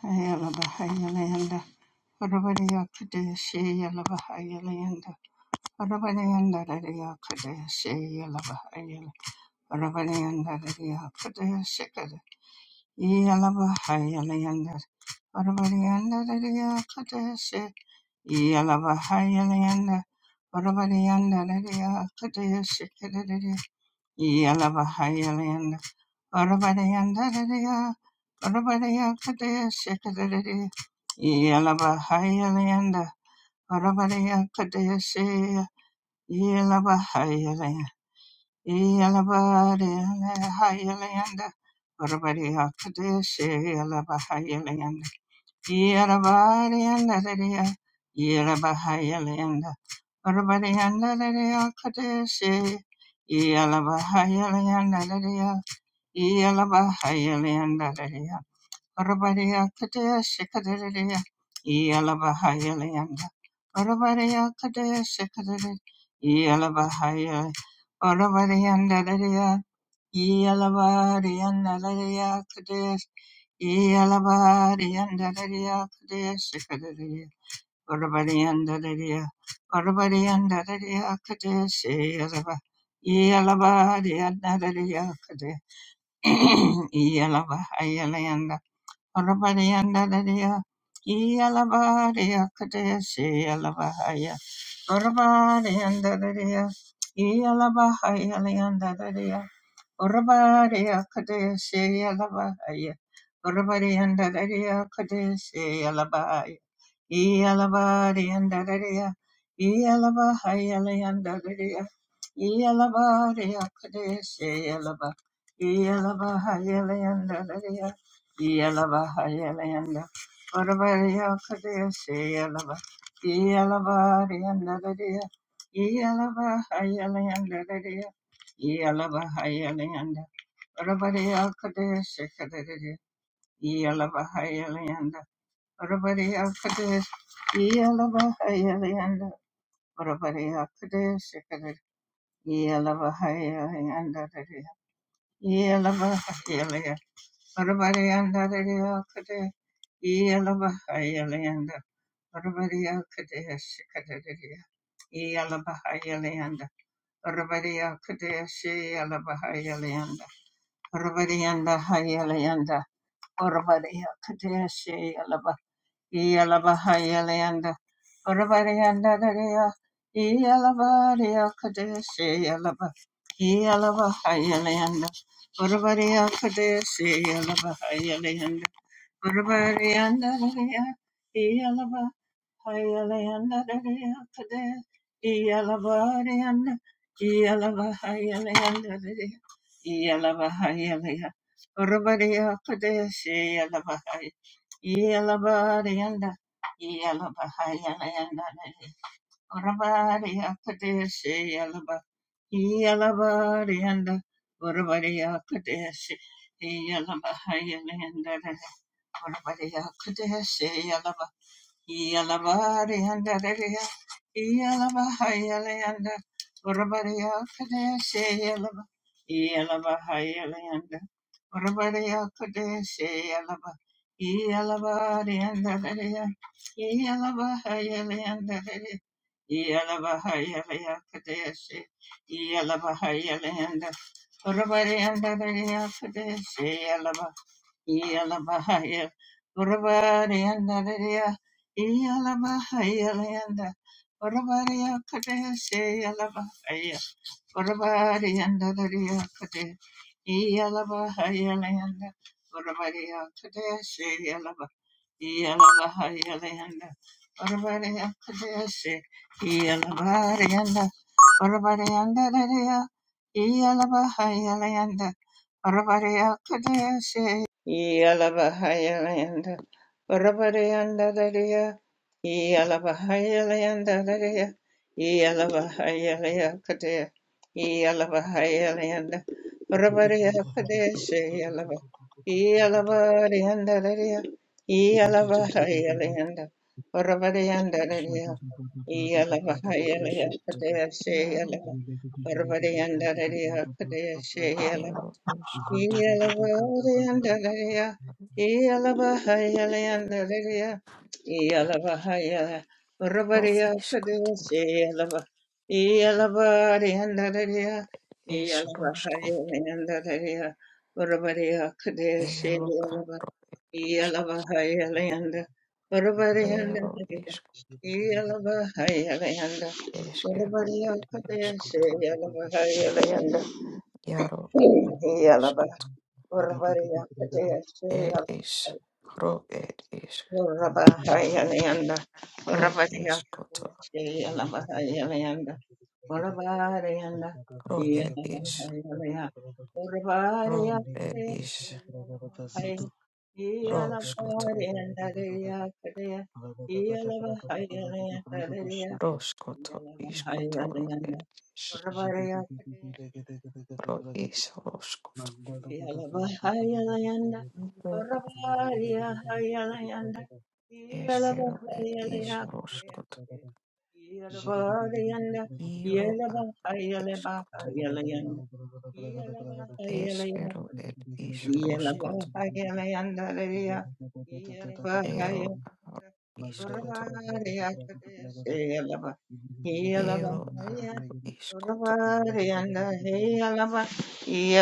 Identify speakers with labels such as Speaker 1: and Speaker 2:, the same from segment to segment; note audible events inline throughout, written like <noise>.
Speaker 1: Ayala Bahayalanda, Urabadiya Kadeshi, Yala Bahayalanda, Urabadianda Radia Kadeshi, Yala Bahayala, Urabadianda Radia Kadeshi, Yala Bahayalanda, Urabadianda Radia Kadeshi, Yala Bahayalanda, Urabadianda Radia Kadeshi, Yelavahayalanda, Varavaryandharaya, Varavaryakadaya Shekadadari, Yelavahayalanda, Varavaryakadaya Sheya, Yelavahayalaya, Yelavaryalanda, Varavaryakadaya Sheyalavahayalanda, Yelavaryandaraya, Yelavahayalanda, Varavaryandharaya Kadaya Sheya, Yelavahayalanda, Yalabari and Nadaria Kadesh, <clears throat> Iyalaba, Iyalabahayalayanda Orabariyandadariya Iyalabariya Kadesi Yalabahaya Orabariyandadariya Iyalabahayalayandadariya Orabariya Kadeshe Yalabaya. Orabarianda Daria Kadeshe Yalabaya. Yalabarianda Daria. Yalabaya Leanda Daria. Yalabariya Kadeshe Yalaba. Yalabaya Leanda Daria. Yalabaya Leanda. Orabariya Kadeshe Yalaba. Yalabarianda Daria. Yalabaya Leanda Yalabahayalanda. Rabariya Kadesh Kadere. Yalabahayalanda. Rabariya Kadesh. Yalabahayalanda. Rabariya Kadesh Kadere. Yalabahayalanda. Yalabahayalanda. Rabariyanda Kadesh. Yalabahayalanda. Rabariya Kadesh Kadere. Yalabahayalanda. Rabariya Kadesh Yalabahayalanda. Orvarianda Hayalayanda Orvaria Kadeshi Yalaba Yalaba Hayalayanda Orvarianda Daria Yalabaria Kadeshi Yalaba Yalaba Hayalayanda Orvaria Kadeshi Yalaba Hayalayanda, Urvariyandariya, Iyalava, Hayalayandariya, Kade, Iyalavariyanda, Iyalava, Hayalayandariya, Iyalava, Hayalaya, Urvariya, Kade, Shiyalava, Hay- Iyalavariyanda, Iyalava, Hayalayandariya, Urvariya, Kade, Shiyalava, Orabariya kudeshe yalaba yalabari andariya yalaba hayale anda Orabariya kudeshe yalaba yalaba hayale anda Orabariya kudeshe yalaba yalabari andariya yalaba hayale andariya yalaba hayale kudeshe yalaba hayale anda Orabariya andariya kudeshe Iyalabahaya, Urabariandariya, Iyalabahayalanda, Urabariya Kade, Seyalabahaya, Urabariandariya Kade, Iyalabahayalanda, Urabariya Kade, Yalabahaya Landa, Urabari Kadesi, Yalabahayalanda,
Speaker 2: Thank
Speaker 1: Yalabahayalayanda, Varavaryandararia, Yalabahayalayanda, Kadeshe
Speaker 3: Iaro
Speaker 1: Yalava, Varavaryandararia, Kadeshe Yalava,
Speaker 3: ero esko
Speaker 1: Yalavaryandararia, Yalabahayalayandararia, Yalavahayala,
Speaker 3: ro
Speaker 1: Varavaria,
Speaker 3: isko
Speaker 1: Kadeshe Yalava, Yalavaryandararia,
Speaker 3: esko sko
Speaker 1: Yalavahayalayandararia, Varavaria, Kadeshe
Speaker 3: ero
Speaker 1: Yalava,
Speaker 3: asko
Speaker 1: Iyalavahayalayanda, Varavarayanda
Speaker 3: ero
Speaker 1: Dagada,
Speaker 3: isko
Speaker 1: Iyalavahayalayanda,
Speaker 3: eskero ed esko
Speaker 1: Varavarayakadeshe,
Speaker 3: to
Speaker 1: Iyalavahayalayanda,
Speaker 3: iaro a
Speaker 1: Iyalava,
Speaker 3: isko to
Speaker 1: Varavarayakadeshe,
Speaker 3: ed is ro ed is
Speaker 1: Iyalavahayalayanda,
Speaker 3: ro isko to
Speaker 1: Varavarayakadeshe, Iyalavahayalayanda,
Speaker 2: you. Zagada
Speaker 1: Oravareyanda,
Speaker 3: ro ed is
Speaker 1: Iyalavareyanda,
Speaker 3: ro ed
Speaker 1: Oravareyakadaya,
Speaker 3: is
Speaker 1: Iyalavareyanda,
Speaker 3: ro sko to
Speaker 1: Iyalavareyandadeyakadaya, Iyalavareyandadaya,
Speaker 3: ro sko to isko to ro
Speaker 1: Iyalavareyanda,
Speaker 3: ed is
Speaker 1: Oravareyakadaya,
Speaker 3: ro is ro sko to
Speaker 1: Yalabahayalayanda,
Speaker 3: ro
Speaker 1: Varavaryahayalayanda,
Speaker 3: eskero ed is ro sko
Speaker 1: Yalabahayalayakadayate, Yalavarayanda,
Speaker 3: to Escot,
Speaker 1: Yalabahayalabahayalayanda,
Speaker 3: esquero, et isroscot,
Speaker 1: Yalabahayalayaka- Yalabahayalayandalaya,
Speaker 3: ero,
Speaker 1: Yalabahayalayanda,
Speaker 3: aro, iscoto,
Speaker 1: Varavarayakadayase, Yalaba-
Speaker 3: ero,
Speaker 1: Yalabahayalayanda,
Speaker 3: aro,
Speaker 1: yeah.
Speaker 3: iscoto,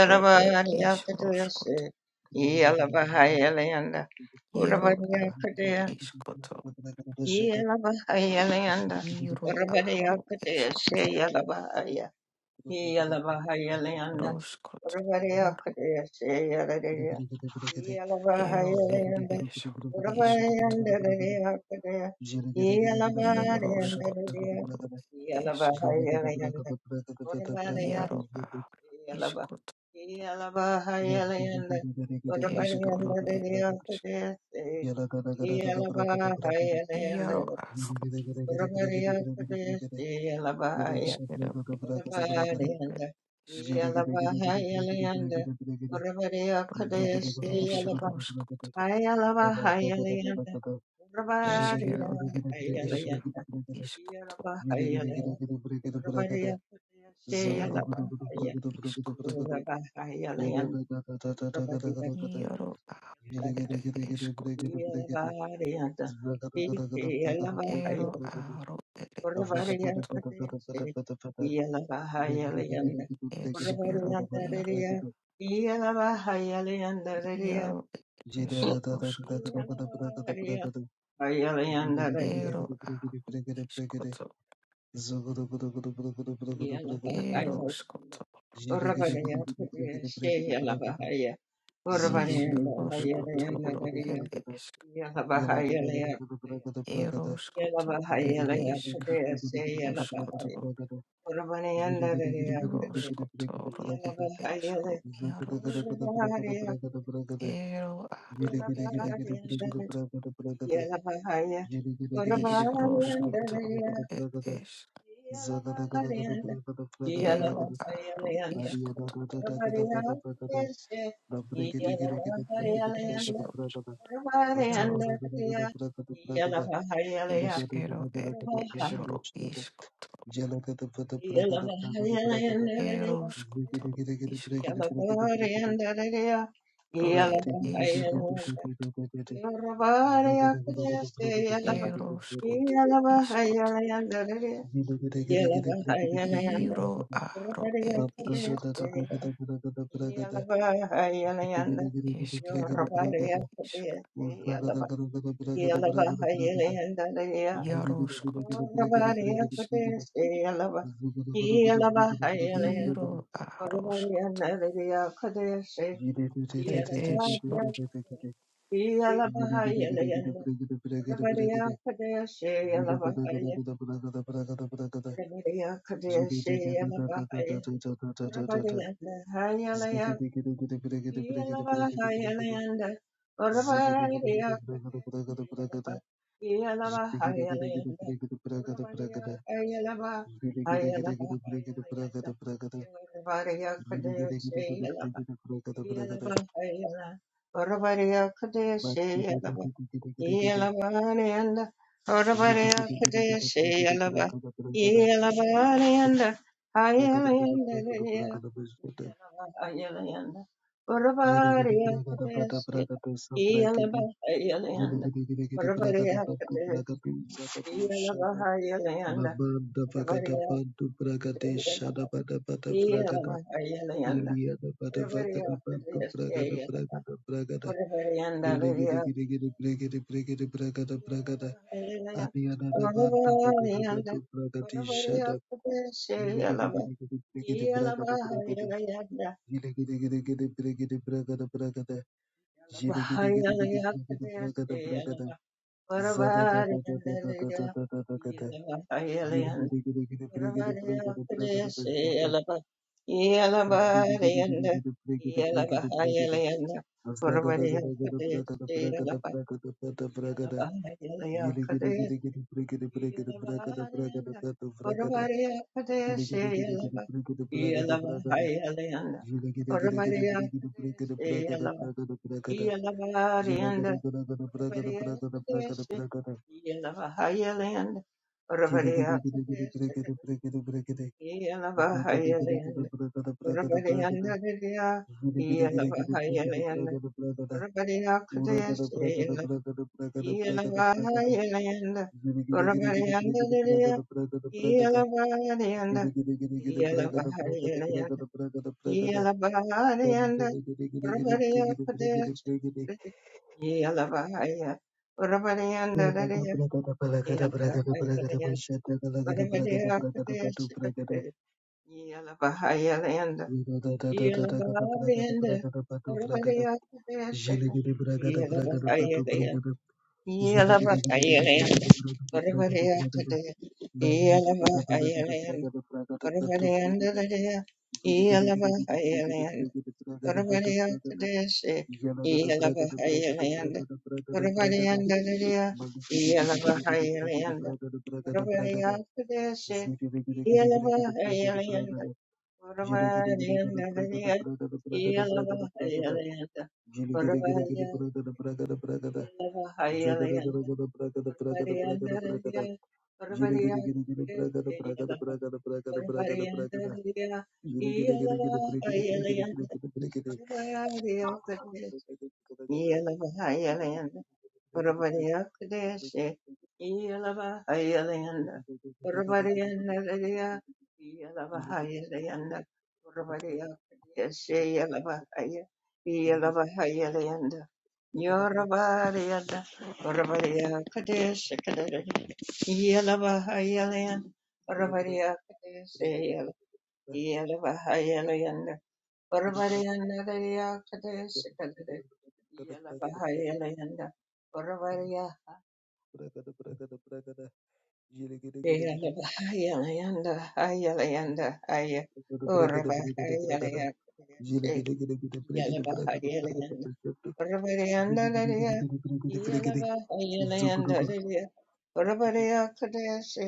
Speaker 3: ro, et isroscot, iero, aro, iscoto,
Speaker 2: Thank
Speaker 3: iro, aro, escoto, roscot, iero, ero, et esro, iscoto, iroscoto, ro, et esc, iero,
Speaker 2: you.
Speaker 3: aro,
Speaker 1: Yalaba.
Speaker 3: iscoto,
Speaker 1: Yalabaha
Speaker 2: Yada da da da da da
Speaker 1: Yalayanda.
Speaker 2: da da da da
Speaker 1: Urabadianda
Speaker 3: escoro,
Speaker 1: de
Speaker 3: et
Speaker 2: da
Speaker 3: esc,
Speaker 1: Diopodesi.
Speaker 2: Yada da.
Speaker 1: Yalabaha Yalayanda.
Speaker 3: iero,
Speaker 1: Urabadiopodesi. Yalabaya.
Speaker 3: Ishkero ishkoro ed
Speaker 1: Urabadianda.
Speaker 3: ishkaro
Speaker 1: Yalabaha Yalayanda.
Speaker 3: ere
Speaker 1: Urabadiopodesi. Yalabaha
Speaker 3: eshoroskoto
Speaker 1: Yalabaha Yalayanda. Urabadiya
Speaker 3: eshkero ed
Speaker 1: Yalayanda.
Speaker 3: ishkaro iskoto
Speaker 1: Yalabaha Yalayanda. Urabadiopodesi.
Speaker 3: ero aro iskoto
Speaker 2: Yada
Speaker 1: Yalabaha
Speaker 2: gada
Speaker 1: Yeah.
Speaker 3: iaro aro ere
Speaker 2: gada gada gada
Speaker 3: eskoto
Speaker 2: gada gada. Yellow
Speaker 3: ero aro ere iskoto eshkero iaro iaro ed eshoroskoto ero aro iskoto ero skoto iskoto ishoroskoto ed
Speaker 1: Yala
Speaker 3: Eroskoto
Speaker 1: Bahaya
Speaker 3: et isk,
Speaker 1: Yakadea say Yala Bahaya.
Speaker 3: ruskoto,
Speaker 1: What a money
Speaker 2: Jala kada
Speaker 1: under the
Speaker 2: prada prada prada
Speaker 1: Yakade.
Speaker 3: iroskotoro
Speaker 1: Yala
Speaker 3: et
Speaker 1: Bahaya.
Speaker 3: esru, iarosk, ero aro
Speaker 1: Yala
Speaker 3: et iskoto,
Speaker 1: Bahaya. What a body under
Speaker 3: iskroskotoro
Speaker 1: the
Speaker 3: et es,
Speaker 1: Yala Bahaya. Yala
Speaker 3: ero aro
Speaker 1: Bahaya under.
Speaker 3: iskoto,
Speaker 1: What a body Yakadea. Yala Bahaya
Speaker 3: et
Speaker 1: under.
Speaker 3: esrosk,
Speaker 1: What a body
Speaker 3: iaro
Speaker 1: under the Yala Bahaya.
Speaker 3: eskero et esru, iskoto,
Speaker 1: Yeah.
Speaker 2: prada prada.
Speaker 3: eroskoto,
Speaker 2: Zikiri kiri kiri kiri kiri
Speaker 3: iskoto,
Speaker 2: kiri kiri kiri.
Speaker 3: ro
Speaker 2: Yine
Speaker 3: et esroskoto, eroskoto, Iro aro et iskoto. Iskero et isk. Yaroskot et isk. Iro aroskot. Et isk.
Speaker 1: Yeah.
Speaker 2: Ziggy
Speaker 1: Yeah. Yelabanayanda Orabarayakadeshe Yelaba Yelabanayanda Hayalayanda Yelabahayalayanda Orabarayakadeshe Yelaba Hayalayanda
Speaker 2: Bragada,
Speaker 1: Orabarayakadeshe Yelabahayalayanda
Speaker 2: Bragada,
Speaker 1: Orabarayakadeshe Yelaba Yelabahayalayanda Orabarayakadeshe Yelaba Orabarayanda Yeah.
Speaker 2: Yellow,
Speaker 1: Yelavahayanda, Varvariya Padeshe Yelava, Yelava Hayalayanda, Varvariya Padeshe Yelava, Yelavariyanda, Varvariya Padeshe Yelava Hayalayanda, Varvariya Padeshe
Speaker 2: Bragada,
Speaker 1: Yelava Hayalayanda, Varvariyanda Vidya, Yelava Hayalayanda, Varvariya Padeshe Yelava, Yelava Hayalayanda, Varvariyanda Iyalabariyanda, Iyalabariyanda, Iyalabariyanda, Urabariya Pradesh, Iyalabariya, Urabariyanda, Dariya, Iyalabariyanda, Urabariya Pradesh, Iyalabariyanda, Iyalabariyanda, Urabariya Pradesh,
Speaker 2: Jilegede bragada
Speaker 1: Iyalabariyanda, Iyalabariyanda,
Speaker 2: bragada brado bragada
Speaker 1: Urabariya
Speaker 2: Jilegede gede bragada bragada bragada bragada
Speaker 1: Pradesh,
Speaker 2: Baliada bada bragada
Speaker 1: Iyalabariyanda,
Speaker 2: bragada bragada
Speaker 1: Yalaba,
Speaker 2: brado bragada Jilegede gede gede bragada bragada bragada brado bragada Yalagada bragada bragada bragada bragada bragada Malikide gede gede gede bragada bragada bragada bragada Zegede gede gede bragada bragada bragada Jilegede gede gede bragada bragada bragada bragada bragada Jilegede gede gede bragada bragada bragada Thank
Speaker 1: Yellow, Yelavahayalayanna Varvaryanadayakadeshikadade Yelavahayalayanna
Speaker 2: you.
Speaker 1: Varvarya
Speaker 2: Bragada, bragada, bragada. Jile gede gede gede.
Speaker 1: Yelavahayalayanna Hayalayanda Haya
Speaker 2: Bragada, bragada, bragada, bragada. Jile
Speaker 1: Urvahayalayakudeshi
Speaker 2: gede gede gede bragada, bragada, bragada,
Speaker 1: Yelavahayalayanna
Speaker 2: bragada. Jile gede
Speaker 1: Varvaryanadaya
Speaker 2: gede
Speaker 1: Yelavahayalayanadaya Varvaryakudeshi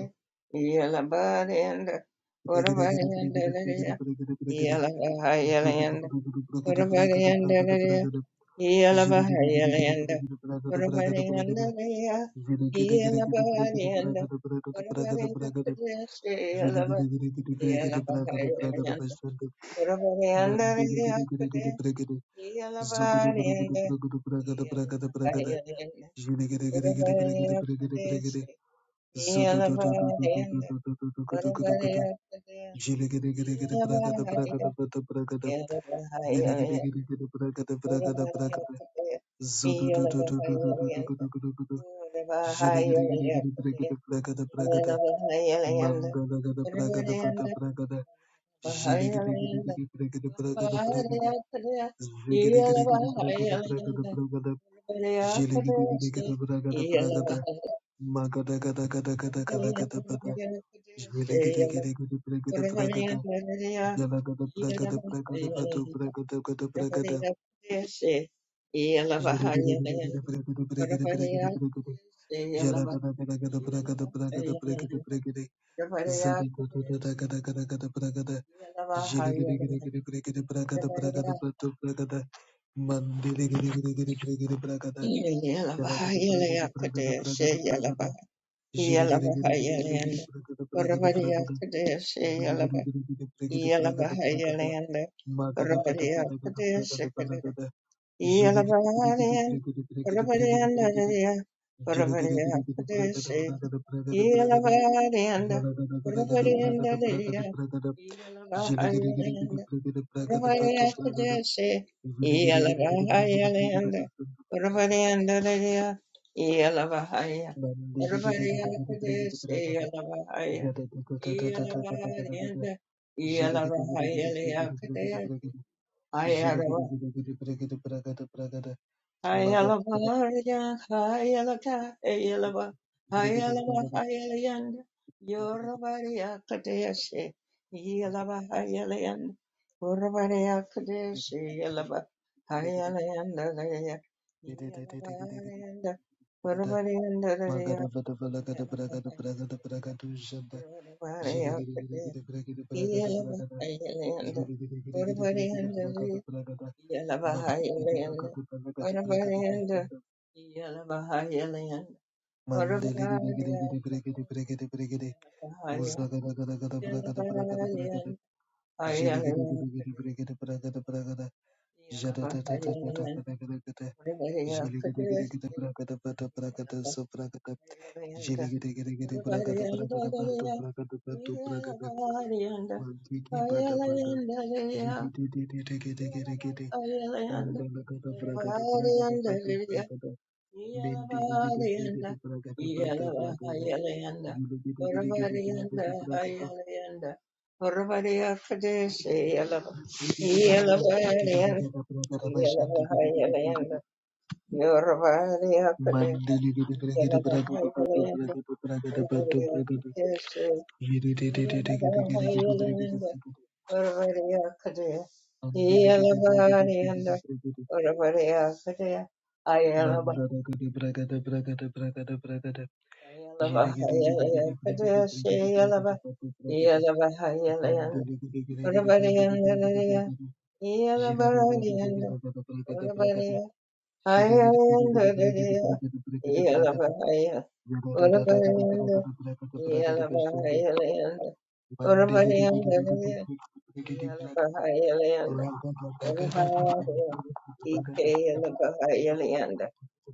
Speaker 1: Yelavahayanda
Speaker 2: gede
Speaker 1: Varvaryanadaya
Speaker 2: bragada, bragada. Zugudu
Speaker 1: Yelavahayalayanna
Speaker 2: gudu gudu bragada, bragada. Gede gede gede bragada, bragada, bragada, bragada. Zugudu gudu gudu bragada, bragada, bragada,
Speaker 1: Uruvariyandalaya,
Speaker 2: bragada. Jile gede
Speaker 1: Iyalavariyalanda, Uruvariyandalaya,
Speaker 2: gede gede
Speaker 1: Iyalavariyanda,
Speaker 2: bragada, bragada, bragada, bragada.
Speaker 1: Uruvariyakadeshe,
Speaker 2: Jile gede
Speaker 1: Iyalava-
Speaker 2: gede gede bragada, bragada, bragada, bragada,
Speaker 1: Iyalavariyalanda,
Speaker 2: bragada. Mandiri
Speaker 1: Uruvariyandalaya,
Speaker 2: giri giri giri
Speaker 1: Kade-
Speaker 2: brigiri. Zugudu gudu gudu
Speaker 1: Iyalavariyanda,
Speaker 2: gudu gudu bragada bragada bragada.
Speaker 1: Iyalavariyalanda,
Speaker 2: Jiri giri giri giri brigiri brigiri brigiri.
Speaker 1: Uruvariyakadeshe,
Speaker 2: Zudu du du du du du du
Speaker 1: Iyalavariyanda,
Speaker 2: du du du du gudu gudu gudu.
Speaker 1: Uruvariyakade-
Speaker 2: Jiri giri giri giri bragada
Speaker 1: Iyalavariyanda,
Speaker 2: bragada bragada bragada. Viri giri
Speaker 1: Iyalavariyalanda,
Speaker 2: giri giri bragada
Speaker 1: Yeah.
Speaker 2: bragada bragada. Zudu du du du du du du du gudu gudu gudu. Jiri giri giri giri brigiri bragada bragada. Mandala gada pragada fata pragada, jile gada gada gada pragada pragada pragada. Zhigada
Speaker 1: Yalabariya,
Speaker 2: Yala gada gada gada bra gada bra gada bra gada bra gada. Zada gada gada gada gada gada bra gada. Yele gada gada gada bra gada bra gada bra gada bra gada bra gada. Mandele gada gada gada bra gada bra gada. Yala gada bra gada bra gada bra gada bra gada. Yele gada gada gada bra gada bra gada bra gada bra gada. Yele gada gada gada bra gada bra gada bra gada. Ma gada fata fata gada bra gada bra gada. Yele gada gada gada bra gada bra gada bra gada. Jiligirigirigiri bragada bragada bragada bragada
Speaker 1: Yeah.
Speaker 2: yalada bragada bragada bragada bragada jiligirigirigiri bragada bragada vatu bragada jiligirigirigiri bragada bragada vastu bragada nandiligirigirigiri bragada bragada yada bragada da da da da da da da da
Speaker 1: Hayalaba, Rajan, Hayalaka, Hayalaba, Hayalaba, Hayalayanda, Yorabariya Kadeshe, Yalaba,
Speaker 2: Jilegere
Speaker 1: Hayalayanda, Urabariya Kadeshe, Yalaba,
Speaker 2: Mandele Jele gede gede
Speaker 1: Hayalayanda, Raya, Yalaba, Hayalayanda, Urabarianda, Raya, Yalaba, Hayalayanda, Yorabariya Kadeshe, Yalaba, Hayalayanda,
Speaker 2: gede
Speaker 1: Urabarianda, Yalabahayalayanda, Varavarayanda, Yalabahayalayanda, Varavarayakade, Yalabahaya, Yalabarayanda, Hayalayakade, Yalabahayalayanda, Varavarayakade,
Speaker 2: prakata pata prakata so prakata
Speaker 1: Yalabahayalayanda,
Speaker 2: Jilegedegedegede bragada bragada bantu
Speaker 1: Varavarayandadaya,
Speaker 2: bragada bantu bragada
Speaker 1: Yalabaharayanda,
Speaker 2: mantiki bada bada
Speaker 1: Hayalayandadaya,
Speaker 2: jidididididegedegedegede bandalagada bragada bragada bantu
Speaker 1: Yalabahayalayanda,
Speaker 2: bragada mendilegede
Speaker 1: Yelabayanda,
Speaker 2: bregede bragada bada bragada
Speaker 1: Yelabayanda,
Speaker 2: jilegedegedegede
Speaker 1: Varavariyanda,
Speaker 2: bragada bragada
Speaker 1: Hayalanda, Varavariya Kadeshi, Yelava,
Speaker 2: jibregede bada bada bada bada
Speaker 1: Yelabayanda,
Speaker 2: bada bragada bashandegedegede
Speaker 1: Yelabayanda,
Speaker 2: bregede
Speaker 1: Yoravariya Kadeshi,
Speaker 2: mandilegede bregede bragada bantu
Speaker 1: Yelabayanda,
Speaker 2: bragada bragada bantu
Speaker 1: Varavariya
Speaker 2: bragada
Speaker 1: Kadeshi,
Speaker 2: jidididididegedegedegede bregede
Speaker 1: Yelabayanda,
Speaker 2: bragada
Speaker 1: Varavariya Kadeshi,
Speaker 2: Mandele
Speaker 1: Yelabayanda, Varavariya Kadeshi, Yeah.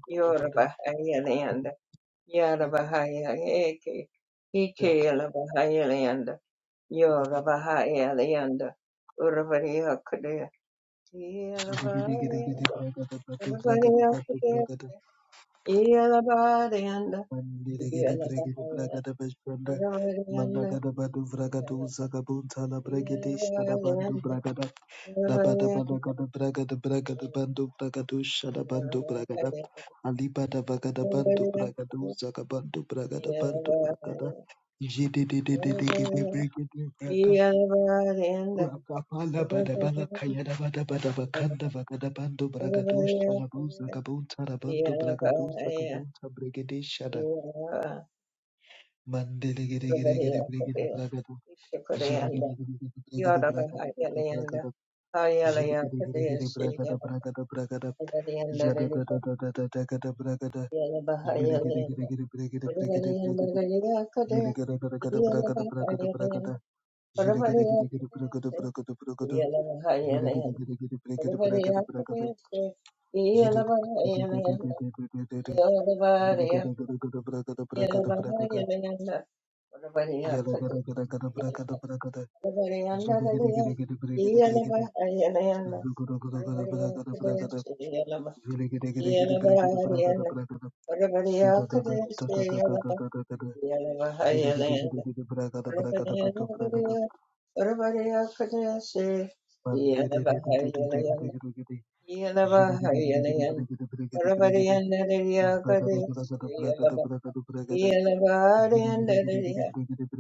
Speaker 1: Yoruba Highland, Yada
Speaker 2: Thank
Speaker 1: Bahaya Eke Ike Yala Bahaya Leanda Yora Bahaya Leanda Urabadiya Kudea Yala Bahaya Urabadiya Kudea
Speaker 2: you.
Speaker 1: Yala Bahaya
Speaker 2: Mandiregere
Speaker 1: Yala
Speaker 2: bregere
Speaker 1: Bahaya
Speaker 2: bragada bashanda
Speaker 1: Urabadiya Yala Bahaya
Speaker 2: managada badu
Speaker 1: Urabadiya
Speaker 2: vragadu zagabunta la
Speaker 1: Yala
Speaker 2: bregedesh da bandu bragada da bada
Speaker 1: Bahaya Yala
Speaker 2: banagada bragada bragada bandu bragadu shada bandu bragada alibada bagada bandu bragadu zagabandu bragada bandu bragada jidididididididi
Speaker 1: Bahaya
Speaker 2: bregede bragada Rakapala bada bala kayada bada bada bakanda bagada bandu bragadu shala bunza kabunta rabandu bragadu zagabunta bregede shada Mandele gere gere gere gere gere bragado. Jele gere gere gere gere
Speaker 1: Yeah.
Speaker 2: gere bragado bragado bragado. Jele gere gere gere bragado bragado bragado. Jada da da da da da da gada bragada. Jule gere gere gere gere gere gere bragado. Jele gere gere gere bragado bragado bragado. Jele gere gere gere bragado bragado bragado. Jule gere gere gere gere gere bragado bragado. Jele de de de de de de de de de. Jele gere gere gere bragado
Speaker 1: Yeah.
Speaker 2: bragado bragado. Yala gada gada gada bragada bragada. Zulu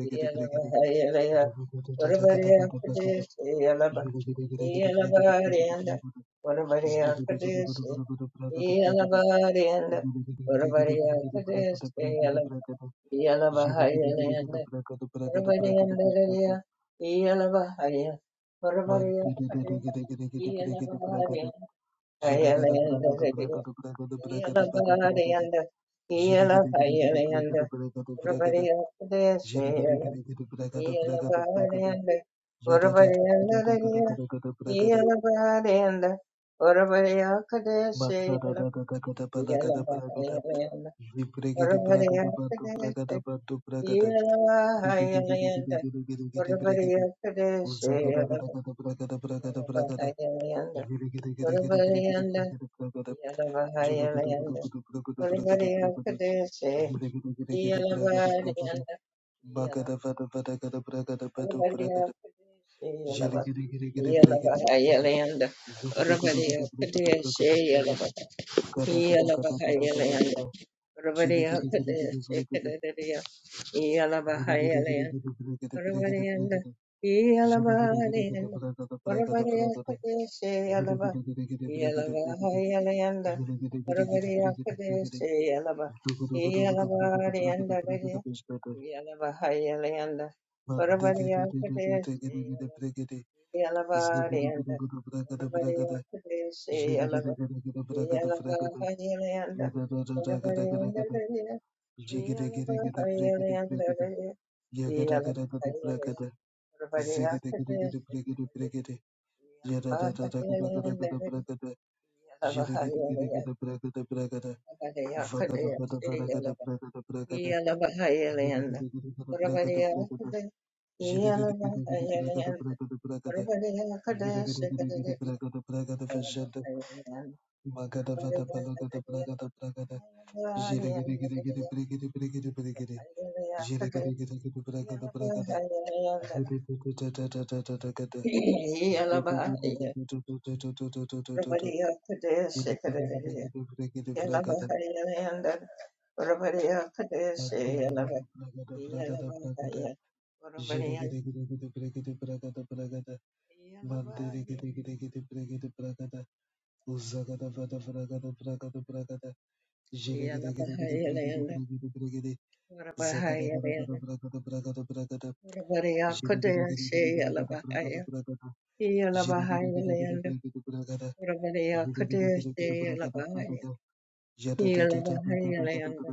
Speaker 1: Yeah.
Speaker 2: Jada Zibregede bragada bardo bragada bardo bragada.
Speaker 1: Yalabarianda,
Speaker 2: Digidegedegedegedegede bregede. Uzzagadagada bragada bragada bragada. Zibregedegedegede bregede bregede bragada. Jilugudugudugudu brugudu brugudu brugudu. Zibregedegedegede bragada bragada. Zulu gidi gidi gidi bragada bragada. Bagada vada vada gada bragada bado bragada.
Speaker 1: Yalaba,
Speaker 2: Jiligedegedegede bregede bregede. Zugudugudugudu brugudu brugudu bragada. bragada bragada. Gada gada gada gada gada gada. Jili gidi gidi gidi brigidi Ziggy, diggy, diggy, diggy, diggy,
Speaker 1: Paramarayanda, E Alamarayanda, Paramarayakadeshe Alaba, E Alaba Hayalayanda, Paramarayakadeshe Alaba, E Alamarayanda, E Alaba Hayalayanda, Paramarayakadeshe Alaba, E Alamarayanda, Paramarayakadeshe Alaba, E Alaba Hayalayanda, Paramarayanda, E Alaba Hayalayanda, Yalaba, Yeah. Everybody
Speaker 2: diggy, diggy. Jilly
Speaker 1: else could do
Speaker 2: Zagada
Speaker 1: this, she could do that. Yalabahayalayanda Urabariya Kadeshi Yalabahayalabahaya Urabariya Yalabahayalayanda Yalabahayalayanda Urabahayalayanda Urabariya Kadeshi Yalabahaya Yalabahayalayanda Urabariya Kadeshi Yalabahaya Yalabahayalayanda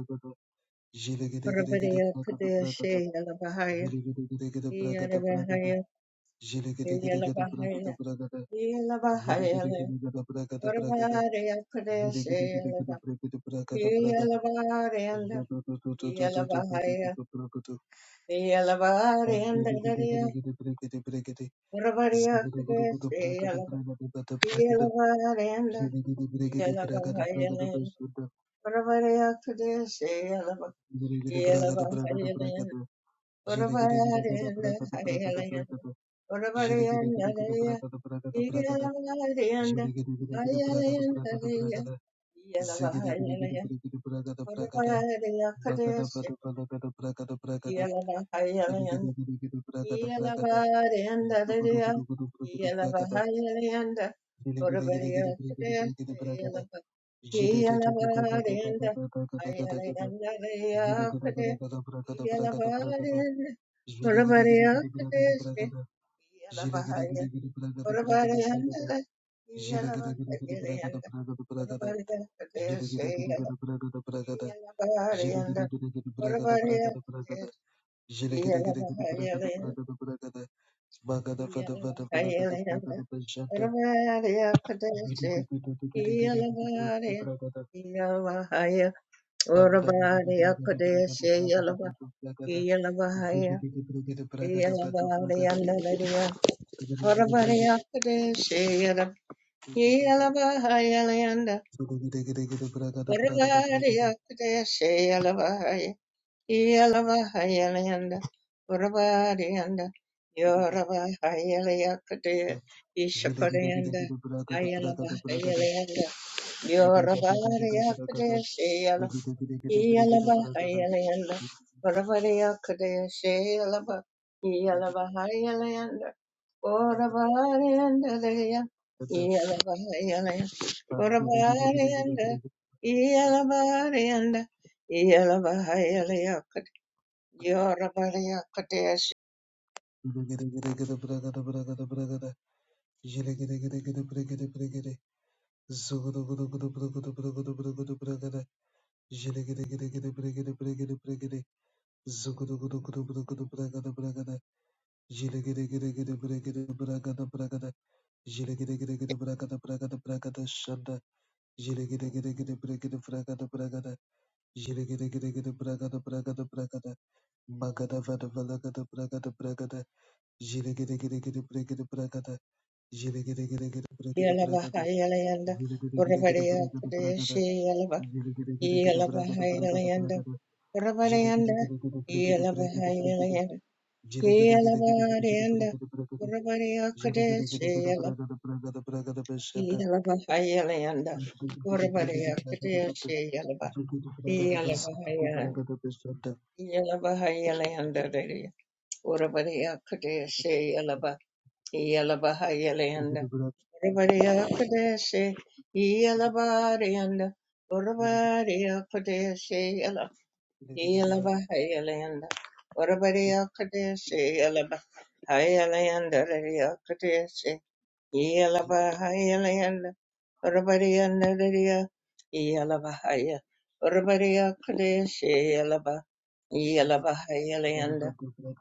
Speaker 2: Jilegedegedegede
Speaker 1: Urabariya
Speaker 2: bragada bragada.
Speaker 1: Kadeshi Yalabahaya
Speaker 2: Jilegedegedegede bragada bragada.
Speaker 1: Yalabahaya
Speaker 2: Jilegedegedegede bragada
Speaker 1: Yalabahaya
Speaker 2: bragada.
Speaker 1: Yalabahayalayanda
Speaker 2: Jilegedegedegede bragada bragada.
Speaker 1: Varvarya
Speaker 2: Jilegedegedegede
Speaker 1: Pradeshayalava
Speaker 2: bragada bragada bragada.
Speaker 1: Yalavarenda Yalavahaya
Speaker 2: Zodododododododododododododo bragado.
Speaker 1: Yalavarenda Darya
Speaker 2: Andilegedegedegede bregede bregede.
Speaker 1: Varvarya
Speaker 2: Zogodogodogodo bragada
Speaker 1: Pradeshayalava
Speaker 2: bragada bragada bragada.
Speaker 1: Yalavarenda
Speaker 2: Jilegede bregede bragada
Speaker 1: Yalavahaya
Speaker 2: bragada bragada.
Speaker 1: Varvarya Pradeshayalava
Speaker 2: Jilegede bragada bragada
Speaker 1: Yalavahaya
Speaker 2: bragada. Jilegedegedegede
Speaker 1: Varvarenda
Speaker 2: bragada bragada
Speaker 1: Hayalaya
Speaker 2: bragada. Zhile
Speaker 1: Varvarenda Darya Yalavarenda Hayalenda Darya Yalavahaya Varvarya Pradeshayalava Yeah.
Speaker 2: Jilly
Speaker 1: Yalabahaya, Yelavahayalanda, Urabarianda, Yoravahayalakade,
Speaker 2: Zugada,
Speaker 1: Ishaparanda, Ayalavahayalanda, Yoravariakade, Shayala, Yalavahayalanda, Uravariakade, Shayalava, Yalavahayalanda, Uravarianda, Yalavahayalanda, Uravarianda, Yalavarianda, Yorabariya Kadesh
Speaker 2: Jilegedegedegede bragada bragada bragada shanda. Jilegedegedegede bregede bragada bragada. Jilegedegedegede bragada bragada bragada. Magada vada valagada bragada bragada. Jilegedegedegede bregede bragada. Jilegedegedegede bregede bragada.
Speaker 1: Yalavahayalayanda
Speaker 2: Jilegedegedegede
Speaker 1: Urabariya
Speaker 2: bregede
Speaker 1: Kadesh
Speaker 2: bragada.
Speaker 1: Yalava
Speaker 2: Jilegedegedegede bragada bragada
Speaker 1: Yalavahayalayanda
Speaker 2: bragada.
Speaker 1: Urabariyanda
Speaker 2: Jilegedegedegede bregede bregede bregede.
Speaker 1: Yalavahayalayanda
Speaker 2: Jilegedegedegede bregede
Speaker 1: Yalavariyanda
Speaker 2: bregede bregede.
Speaker 1: Urabariya Kadesh
Speaker 2: Jilegedegedegede
Speaker 1: Yalava
Speaker 2: bragada bragada bragada beshanda.
Speaker 1: Yalavahayalayanda
Speaker 2: Mandiri
Speaker 1: Urabariya Kadesh Yalava Yalavahayalayanda Yalavahayalayanda Urabariya Kadesh Yalava Yalavahayalayanda Everybody Kodeshi, Yelabariyanda, Urabariya Kodeshi, Yela, Yelabahayalayanda, Urabariya Kodeshi, Yelabahayalanda, Yelabahayalayanda, Urabariyanadariya, Yelabahaya, Urabariya Kadesh, Yelaba, Yelabahayalayanda,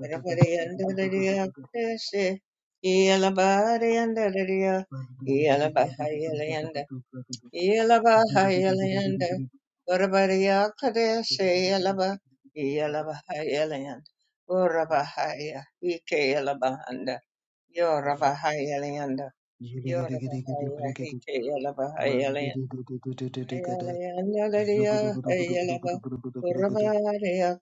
Speaker 1: Urabariyanadariya Kadesh, Yelabariyandadariya, Yelabahayalayanda, Yelabahayalayanda, Urabariya Kadesh, Yelaba, Yelabahayalayanda, Urabahaya, Ike Yelabahanda, Yorabahayalayanda, yeah.
Speaker 2: Jilegede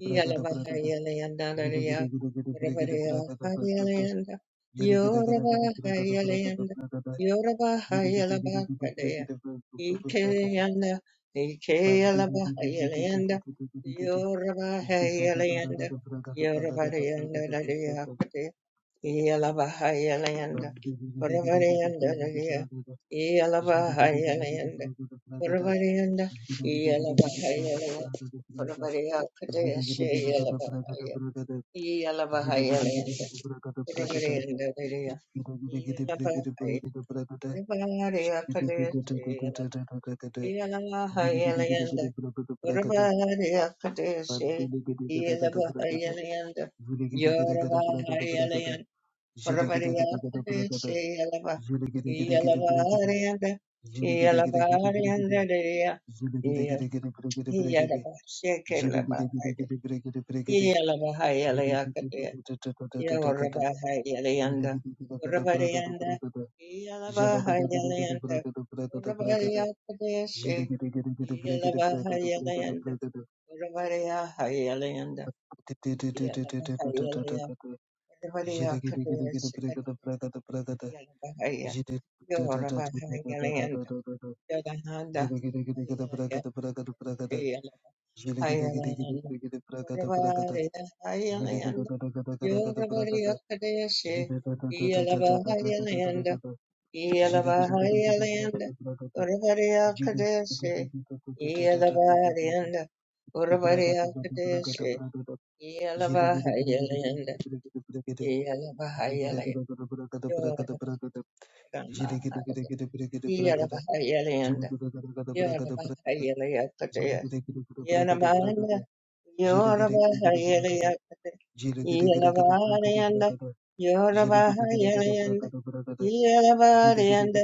Speaker 1: Yalabahayalayandaraya, Yorabahayalayanda, Yorabahayalayanda, Yorabahayalabakadaya, Ikeyanda, Ikeyalabahayalayanda,
Speaker 2: Thank you.
Speaker 1: Yorabahayalayanda, Yorabahayalayakadaya, Yalabahayalayanda, Yorabahayalayanda, Yalabahayalayanda, Yorabahayalayanda, Yalabahayalayanda, Kurabaria Kadeshe Yelabahaya Yelabahayalayanda Kurabaria Vidia Yelabahaya Kurabaria Kadeshe Yelabahayalayanda Kurabaria Kadeshe Yelabahayalayanda Yorabahayalayanda
Speaker 2: Jilly
Speaker 1: Kurabaria Kadeshe Yelaba Yelabaharianda Yelabaharianda Didia Yelabahaya Iyalabahayalakataya. Iyavarabahayalayanda. Varabarayanda. Iyalabahayalayanda. Varabarayakadeshe. Iyalabahayalayanda. Varabarayahayalayanda. Iyalabahayalayanda. Varabarayakadeshe. Iyalabahaya. Iyavarabahayalayanda.
Speaker 2: Jilly
Speaker 1: Iyalahanda. Hayalaya. Iyalabahayalayanda. Varabarayanda. Yorubadiyakadeshe, Iyalabahayalanda, Iyalabahayalanda, Urubadiyakadeshe, Iyalabahayalanda, Urubadiyakadeshe, Iyalabahayalanda, Iyalabahayalaya, Yorubadiyakadeshe, Iyalabahayalanda, Yorubahayalayakadeshe, Yanamanda,
Speaker 2: Zulu
Speaker 1: Yorubahayalakadeshe, Iyalabahayalanda, Yorubahayalayanda, Iyalabariyanda,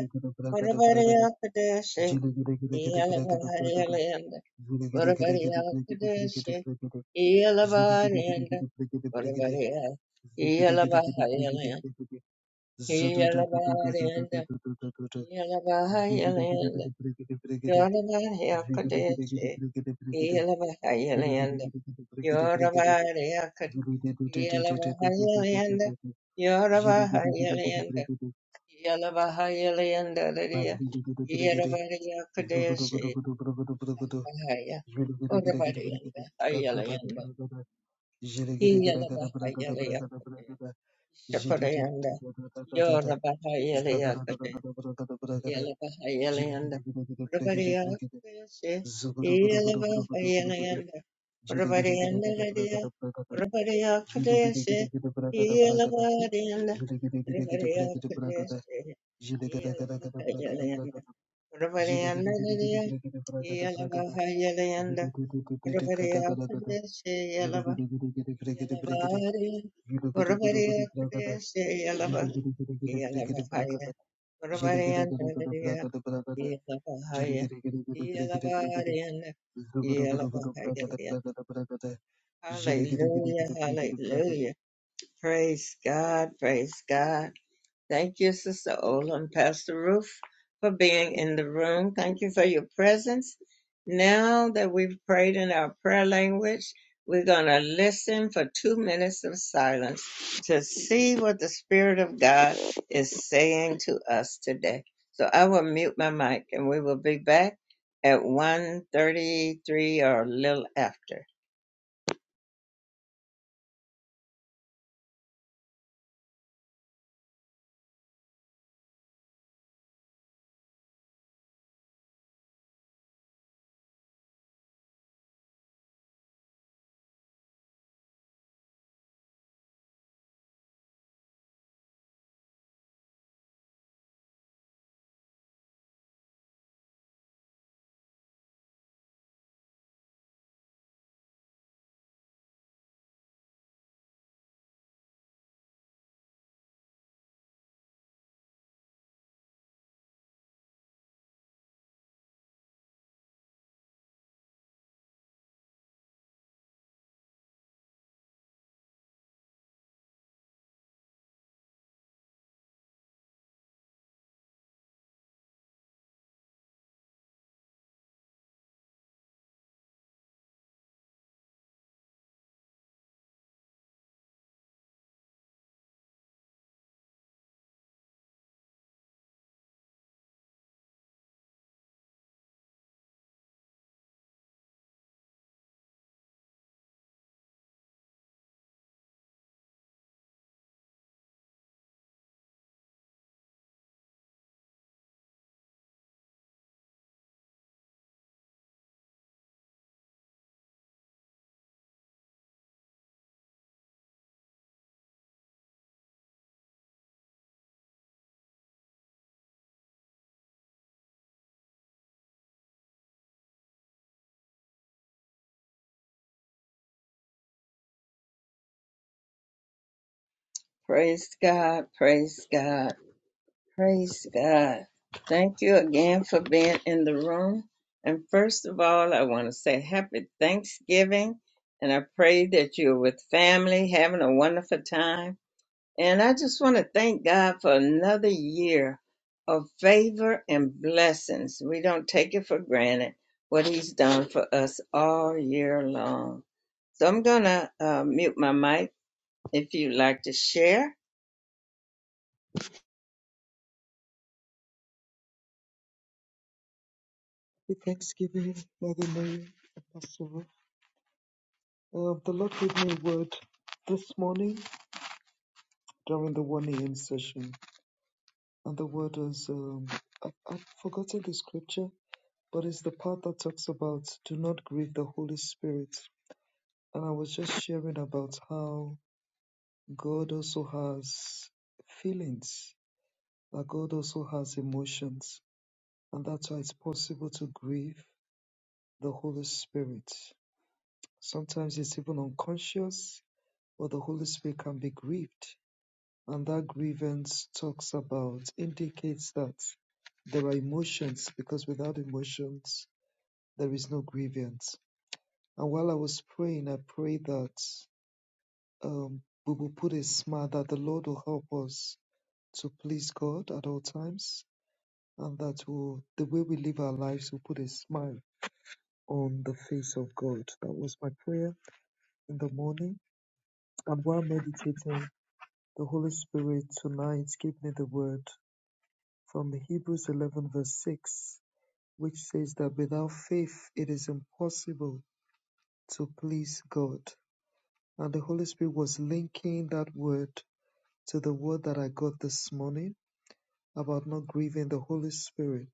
Speaker 1: Varavariyakadeshi, Iyalabariyanda, Varavariyakadeshi, Iyalabariyanda, Varavariya, Iyalabariyanda, Iyalabariyanda, Iyalabariyanda, Yoravariyakadeshi, Iyalabariyanda, Yoravariyakadeshi, Iyalabariyanda,
Speaker 2: Zhili
Speaker 1: Yoravariyanda, Yala Bahaya Leanda Lydia, Yala Badia Kadeshi Bahaya, Oda Badianda, Ayalayanda, Yala Bahaya Leakade, Shakadayanda, Yola Bahaya Yelabahayalanda. Urabadiyakadayashe. Yelabahayalanda. Urabadiyandaradaya. Urabadiyakadayashe. Yelabadiyanda. Urabadiyakadayashe. Yelabahayalanda.
Speaker 2: The
Speaker 1: Urabadiyandaradaya. Yelabahayalanda. Urabadiyakadayashe. Yelaba- Yelabadiya. Urabadiyakadayashe. Yelaba- Yelabahaya. Yelabahaya, Yelabariyanda, Yelabahaya. Hallelujah, hallelujah. Praise God, praise God. Thank you, Sister Ola and Pastor Ruth, for being in the room. Thank you for your presence. Now that we've prayed in our prayer language, we're going to listen for two minutes of silence to see what the Spirit of God is saying to us today. So I will mute my mic and we will be back at 1.33 or a little after. Praise God. Praise God. Praise God. Thank you again for being in the room. And first of all, I want to say happy Thanksgiving. And I pray that you're with family, having a wonderful time. And I just want to thank God for another year of favor and blessings. We don't take it for granted what He's done for us all year long. So I'm going to uh, mute my mic if you'd like to share.
Speaker 2: thanksgiving, Mother Mary, Apostle, uh, the Lord gave me a word this morning during the 1 a.m. session. and the word is um, I, I've forgotten the scripture, but it's the part that talks about do not grieve the Holy Spirit. And I was just sharing about how God also has feelings, that God also has emotions, and that's why it's possible to grieve the Holy Spirit. Sometimes it's even unconscious, but the Holy Spirit can be grieved. And that grievance talks about, indicates that there are emotions, because without emotions, There is no grievance. And while I was praying, I pray that um, we will put a smile that the Lord will help us to please God at all times, and that will the way we live our lives will put a smile on the face of God. That was my prayer in the morning. And while meditating, the Holy Spirit tonight gave me the word from Hebrews 11, verse 6, which says that without faith it is impossible to please God. And the Holy Spirit was linking that word to the word that I got this morning about not grieving the Holy Spirit.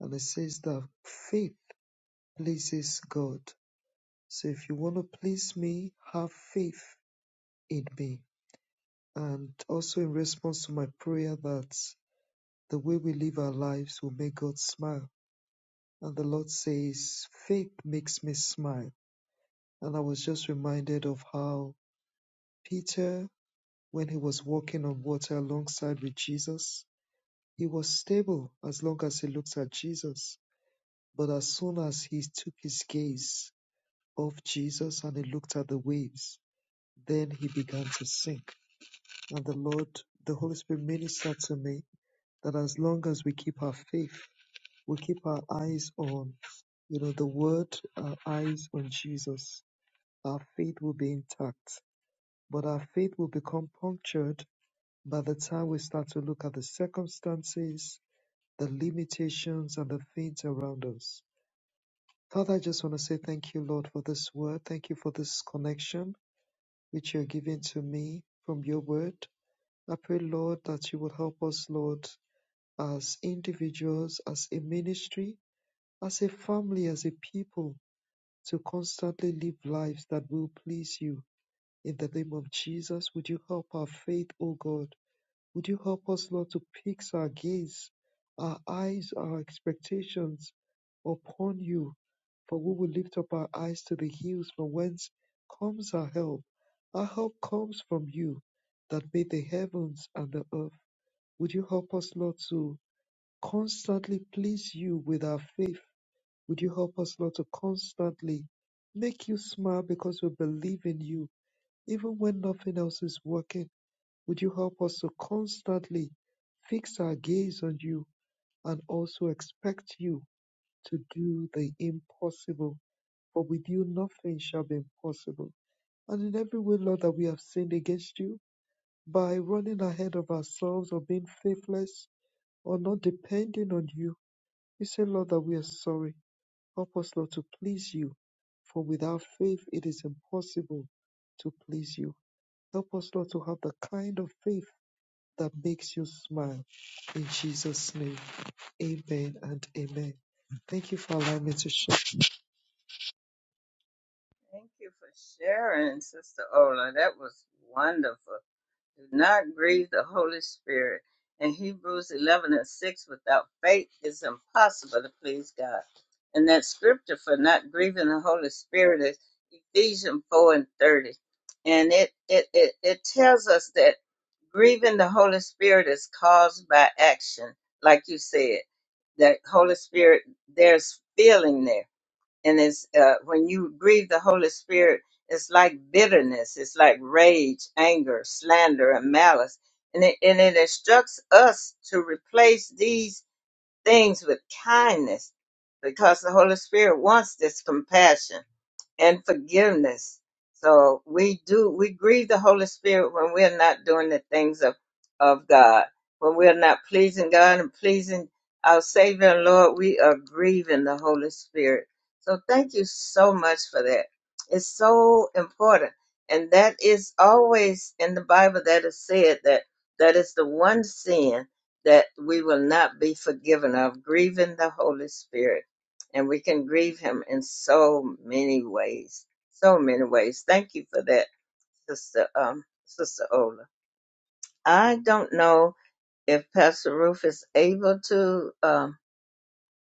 Speaker 2: And it says that faith pleases God. So if you want to please me, have faith in me. And also in response to my prayer that the way we live our lives will make God smile. And the Lord says, faith makes me smile. And I was just reminded of how Peter, when he was walking on water alongside with Jesus, He was stable as long as he looked at Jesus, but as soon as he took his gaze off Jesus and he looked at the waves, then he began to sink. And the Lord, the Holy Spirit ministered to me that as long as we keep our faith, we keep our eyes on, you know, the word, our eyes on Jesus, our faith will be intact. But our faith will become punctured by the time we start to look at the circumstances, the limitations and the things around us. Father, I just want to say thank you, Lord, for this word. Thank you for this connection which you're giving to me from your word. I pray, Lord, that you will help us, Lord, as individuals, as a ministry, as a family, as a people, to constantly live lives that will please you. In the name of Jesus, would you help our faith, O God? Would you help us, Lord, to fix our gaze, our eyes, our expectations upon you? For we will lift up our eyes to the hills from whence comes our help. Our help comes from you that made the heavens and the earth. Would you help us, Lord, to constantly please you with our faith? Would you help us, Lord, to constantly make you smile because we believe in you, even when nothing else is working? Would you help us to constantly fix our gaze on you and also expect you to do the impossible? For with you, nothing shall be impossible. And in every way, Lord, that we have sinned against you, by running ahead of ourselves or being faithless or not depending on you, we say, Lord, that we are sorry. Help us, Lord, to please you. For without faith, it is impossible to please you. Help us, Lord, to have the kind of faith that makes you smile. In Jesus' name, amen and amen. Thank you for allowing me to share.
Speaker 1: Thank you for sharing, Sister Ola. That was wonderful. Do not grieve the Holy Spirit. In Hebrews 11 and 6, without faith, it's impossible to please God. And that scripture for not grieving the Holy Spirit is Ephesians 4 and 30. And it, it, it, it tells us that grieving the Holy Spirit is caused by action, like you said. That Holy Spirit, there's feeling there and it's uh, when you grieve the Holy Spirit, it's like bitterness, it's like rage, anger, slander, and malice, and it, and it instructs us to replace these things with kindness, because the Holy Spirit wants this compassion and forgiveness. So we do we grieve the Holy Spirit when we're not doing the things of of God, when we're not pleasing God and pleasing our Savior and Lord. We are grieving the Holy Spirit. So thank you so much for that. It's so important, and that is always in the Bible that is said that that is the one sin that we will not be forgiven of grieving the Holy Spirit and we can grieve him in so many ways. So many ways. Thank you for that, Sister um, Sister Ola. I don't know if Pastor Roof is able to um,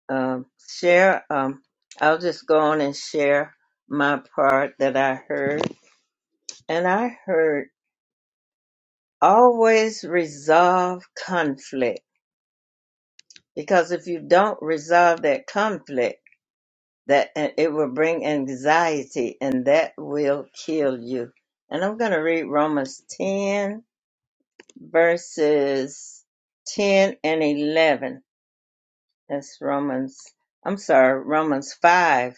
Speaker 1: um, share. Um, I'll just go on and share my part that I heard, and I heard always resolve conflict because if you don't resolve that conflict that and it will bring anxiety and that will kill you. And I'm going to read Romans 10 verses 10 and 11. That's Romans, I'm sorry, Romans 5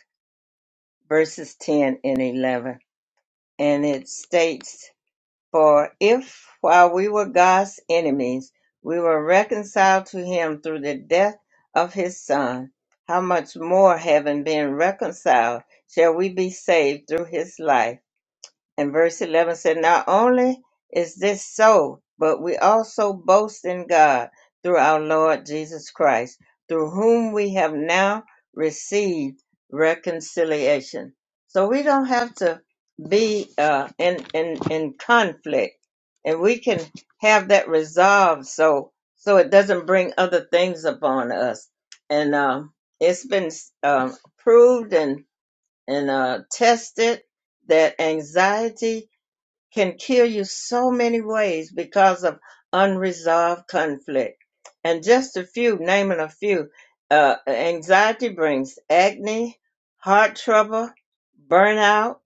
Speaker 1: verses 10 and 11. And it states For if while we were God's enemies, we were reconciled to him through the death of his son, how much more having been reconciled shall we be saved through his life? And verse 11 said, Not only is this so, but we also boast in God through our Lord Jesus Christ, through whom we have now received reconciliation. So we don't have to be uh, in, in, in conflict, and we can have that resolved so so it doesn't bring other things upon us. And um, it's been um, proved and, and uh, tested that anxiety can kill you so many ways because of unresolved conflict. And just a few, naming a few, uh, anxiety brings acne, heart trouble, burnout,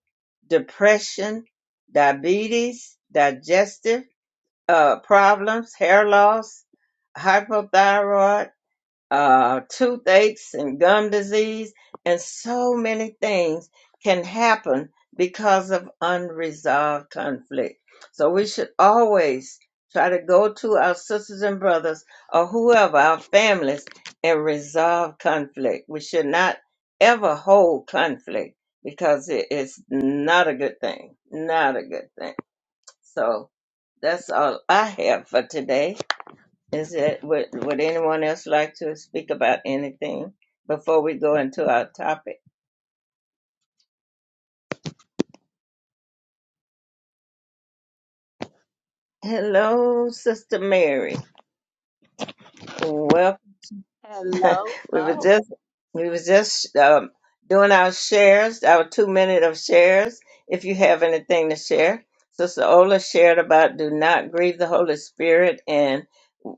Speaker 1: depression, diabetes, digestive uh, problems, hair loss, hypothyroid uh, toothaches and gum disease, and so many things can happen because of unresolved conflict. So we should always try to go to our sisters and brothers or whoever, our families, and resolve conflict. We should not ever hold conflict because it is not a good thing. Not a good thing. So that's all I have for today. Is it would would anyone else like to speak about anything before we go into our topic? Hello, Sister Mary. Well, <laughs>
Speaker 4: Hello,
Speaker 1: we were
Speaker 4: Bo.
Speaker 1: just we was just um, doing our shares, our two minute of shares. If you have anything to share, Sister Ola shared about do not grieve the Holy Spirit, and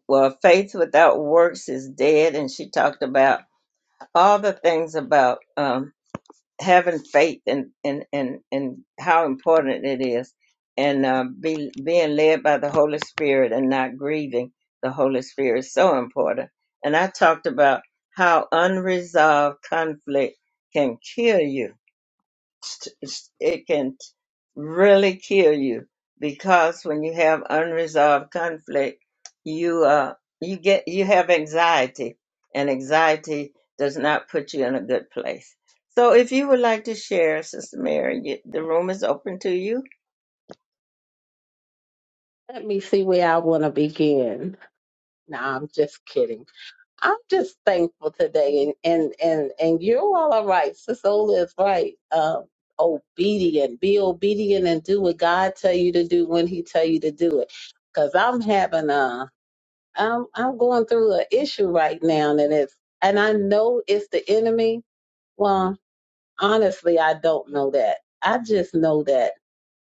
Speaker 1: well, faith without works is dead. And she talked about all the things about. Um, having faith in in in, in how important it is and uh, be, being led by the holy spirit and not grieving the holy spirit is so important and i talked about how unresolved conflict can kill you it can really kill you because when you have unresolved conflict you uh you get you have anxiety and anxiety does not put you in a good place so if you would like to share sister mary you, the room is open to you
Speaker 4: Let me see where I want to begin. No, I'm just kidding. I'm just thankful today, and and and and you're all all right. Sisola is right. Um, obedient, be obedient, and do what God tell you to do when He tell you to do it. Cause I'm having a, I'm I'm going through an issue right now, and it's and I know it's the enemy. Well, honestly, I don't know that. I just know that.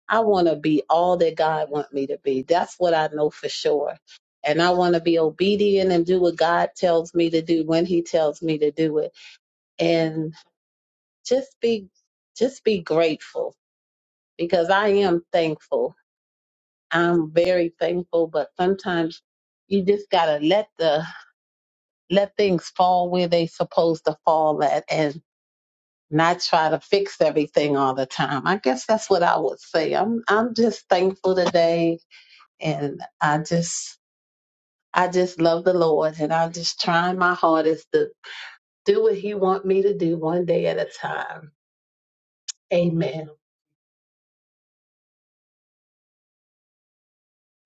Speaker 4: I want to be all that God want me to be. That's what I know for sure. And I want to be obedient and do what God tells me to do when he tells me to do it. And just be just be grateful because I am thankful. I'm very thankful, but sometimes you just got to let the let things fall where they supposed to fall at and not try to fix everything all the time. I guess that's what I would say. I'm I'm just thankful today and I just I just love the Lord and I'm just trying my hardest to do what He want me to do one day at a time. Amen.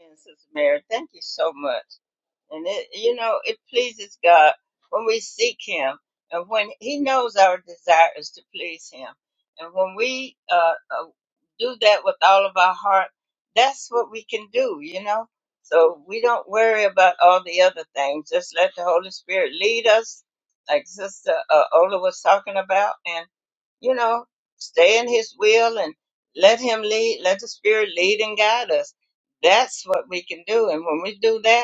Speaker 1: and sister mary thank you so much And it, you know, it pleases God when we seek Him and when He knows our desire is to please Him. And when we uh, uh, do that with all of our heart, that's what we can do, you know? So we don't worry about all the other things. Just let the Holy Spirit lead us, like Sister uh, Ola was talking about, and, you know, stay in His will and let Him lead, let the Spirit lead and guide us. That's what we can do. And when we do that,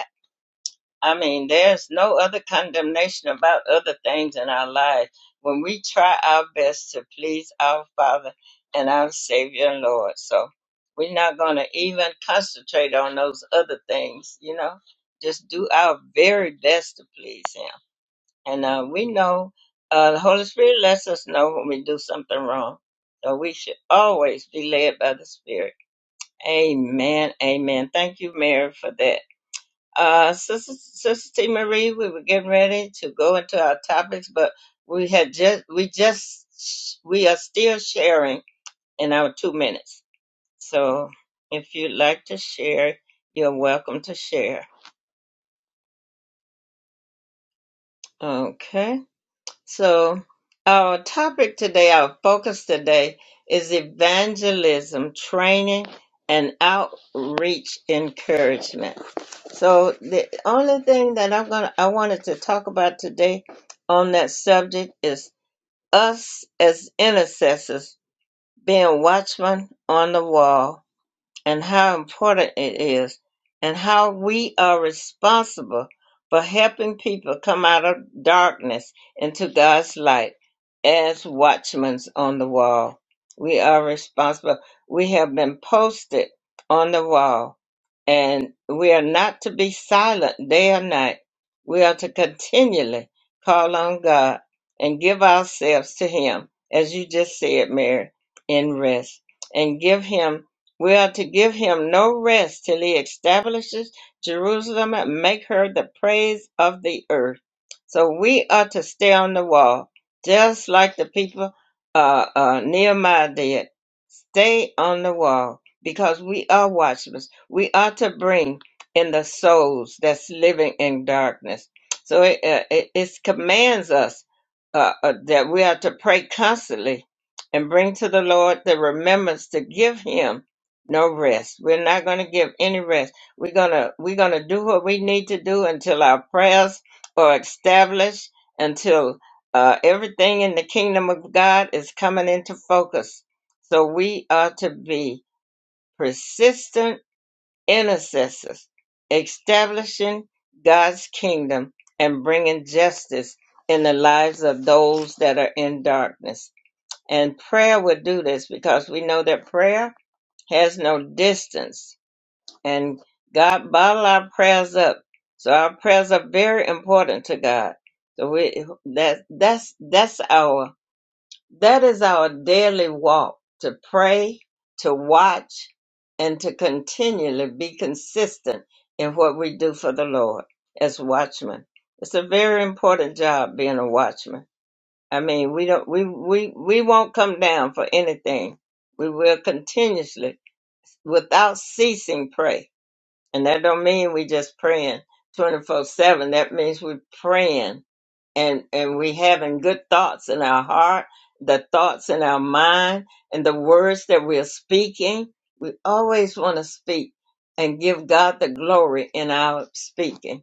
Speaker 1: I mean, there's no other condemnation about other things in our lives when we try our best to please our Father and our Savior and Lord. So we're not going to even concentrate on those other things, you know, just do our very best to please Him. And uh, we know uh, the Holy Spirit lets us know when we do something wrong. So we should always be led by the Spirit. Amen. Amen. Thank you, Mary, for that. Uh, Sister, Sister T. Marie, we were getting ready to go into our topics, but we had just, we just, we are still sharing in our two minutes. So if you'd like to share, you're welcome to share. Okay. So, our topic today, our focus today is evangelism, training, and outreach encouragement. So, the only thing that I'm going to I wanted to talk about today on that subject is us as intercessors being watchmen on the wall and how important it is and how we are responsible for helping people come out of darkness into God's light as watchmen on the wall. We are responsible. We have been posted on the wall and we are not to be silent day or night. We are to continually call on God and give ourselves to Him, as you just said, Mary, in rest, and give Him we are to give him no rest till he establishes Jerusalem and make her the praise of the earth. So we are to stay on the wall, just like the people uh, uh, Nehemiah did. Stay on the wall because we are watchmen. We are to bring in the souls that's living in darkness. So it, uh, it, it commands us uh, uh, that we are to pray constantly and bring to the Lord the remembrance to give him no rest. We're not going to give any rest. We're going to we're going to do what we need to do until our prayers are established, until uh, everything in the kingdom of God is coming into focus. So we are to be persistent intercessors, establishing God's kingdom and bringing justice in the lives of those that are in darkness. And prayer will do this because we know that prayer has no distance and God bottle our prayers up. So our prayers are very important to God. So we that that's that's our that is our daily walk to pray, to watch, and to continually be consistent in what we do for the Lord as watchmen. It's a very important job being a watchman. I mean, we don't we we we won't come down for anything. We will continuously without ceasing pray and that don't mean we just praying 24 7. That means we praying and, and we having good thoughts in our heart, the thoughts in our mind, and the words that we're speaking. We always want to speak and give God the glory in our speaking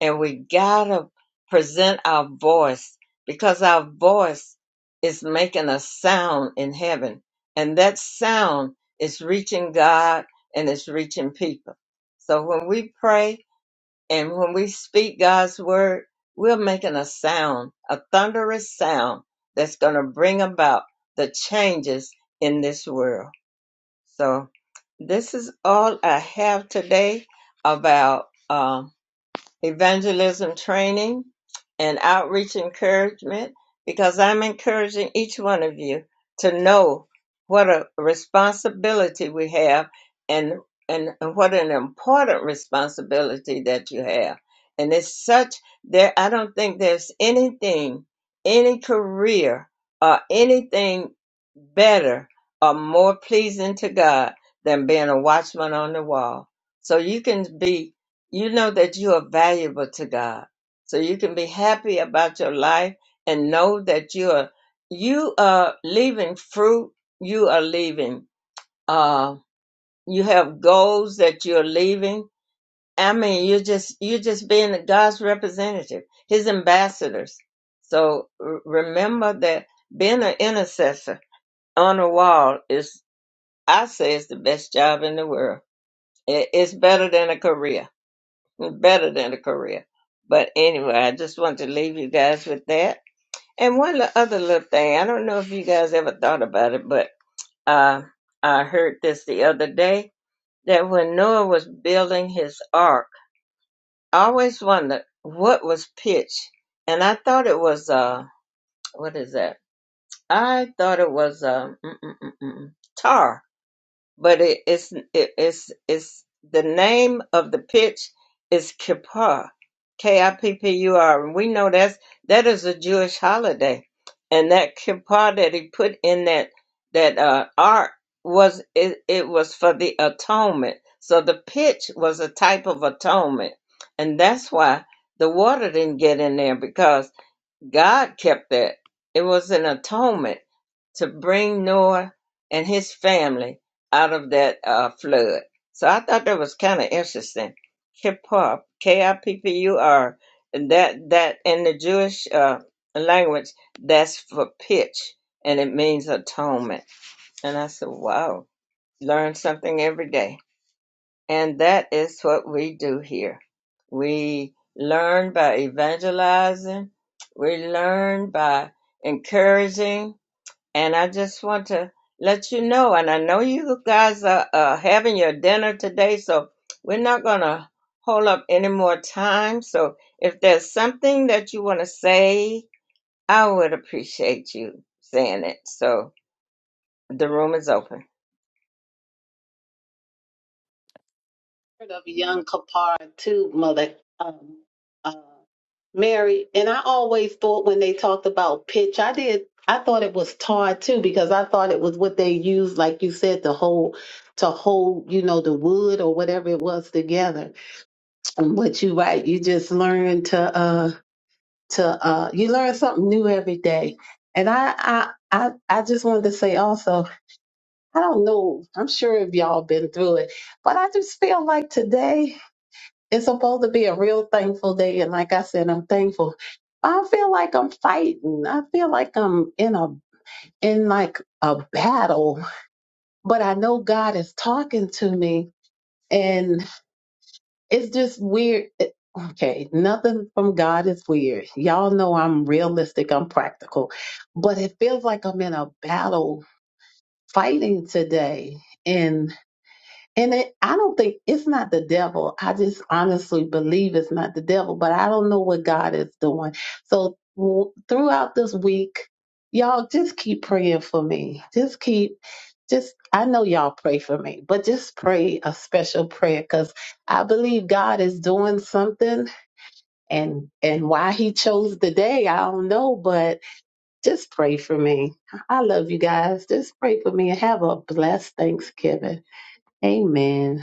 Speaker 1: and we gotta present our voice because our voice is making a sound in heaven, and that sound is reaching God and it's reaching people. So when we pray and when we speak God's word, we're making a sound, a thunderous sound that's gonna bring about the changes in this world. So this is all I have today about. Um, evangelism training, and outreach encouragement because I'm encouraging each one of you to know what a responsibility we have and and what an important responsibility that you have. And it's such there I don't think there's anything, any career or anything better or more pleasing to God than being a watchman on the wall. So you can be you know that you are valuable to God. So you can be happy about your life and know that you are you are leaving fruit, you are leaving uh you have goals that you're leaving. I mean you're just you're just being God's representative, his ambassadors. So r- remember that being an intercessor on a wall is I say it's the best job in the world. It- It's better than a career well, better than a career. But anyway, I just want to leave you guys with that. And one li- other little thing, I don't know if you guys ever thought about it, but uh, I heard this the other day that when Noah was building his ark, I always wondered what was pitch, and I thought it was uh, what is that? I thought it was uh, mm, mm, mm, mm, mm, tar but it, it's it, it's it's the name of the pitch is Kippur, K I P P U R, and we know that's that is a Jewish holiday, and that Kippur that he put in that that uh, ark was it, it was for the atonement. So the pitch was a type of atonement, and that's why the water didn't get in there because. God kept that. It was an atonement to bring Noah and his family out of that uh, flood. So I thought that was kind of interesting. Kippur, K-I-P-P-U-R, and that that in the Jewish uh, language, that's for pitch, and it means atonement. And I said, wow, learn something every day. And that is what we do here. We learn by evangelizing, we learn by encouraging. And I just want to let you know, and I know you guys are uh, having your dinner today, so we're not going to hold up any more time. So if there's something that you want to say, I would appreciate you saying it. So the room is open.
Speaker 4: Heard of young Kapara too, Mother um, uh, Mary, and I always thought when they talked about pitch, I did. I thought it was tar too because I thought it was what they used, like you said, to hold to hold, you know, the wood or whatever it was together. And what you write, you just learn to. uh to uh, you learn something new every day. And I, I I I just wanted to say also, I don't know, I'm sure if y'all been through it, but I just feel like today is supposed to be a real thankful day. And like I said, I'm thankful. I feel like I'm fighting. I feel like I'm in a in like a battle, but I know God is talking to me it's just weird. It- Okay, nothing from God is weird. Y'all know I'm realistic, I'm practical, but it feels like I'm in a battle fighting today. And it, I don't think it's not the devil. I just honestly believe it's not the devil, but I don't know what God is doing. So w- throughout this week, y'all just keep praying for me. Just keep, just, I know y'all pray for me, but just pray a special prayer because I believe God is doing something and, and why he chose the day, I don't know, but just pray for me. I love you guys. Just pray for me and have a blessed Thanksgiving. Amen.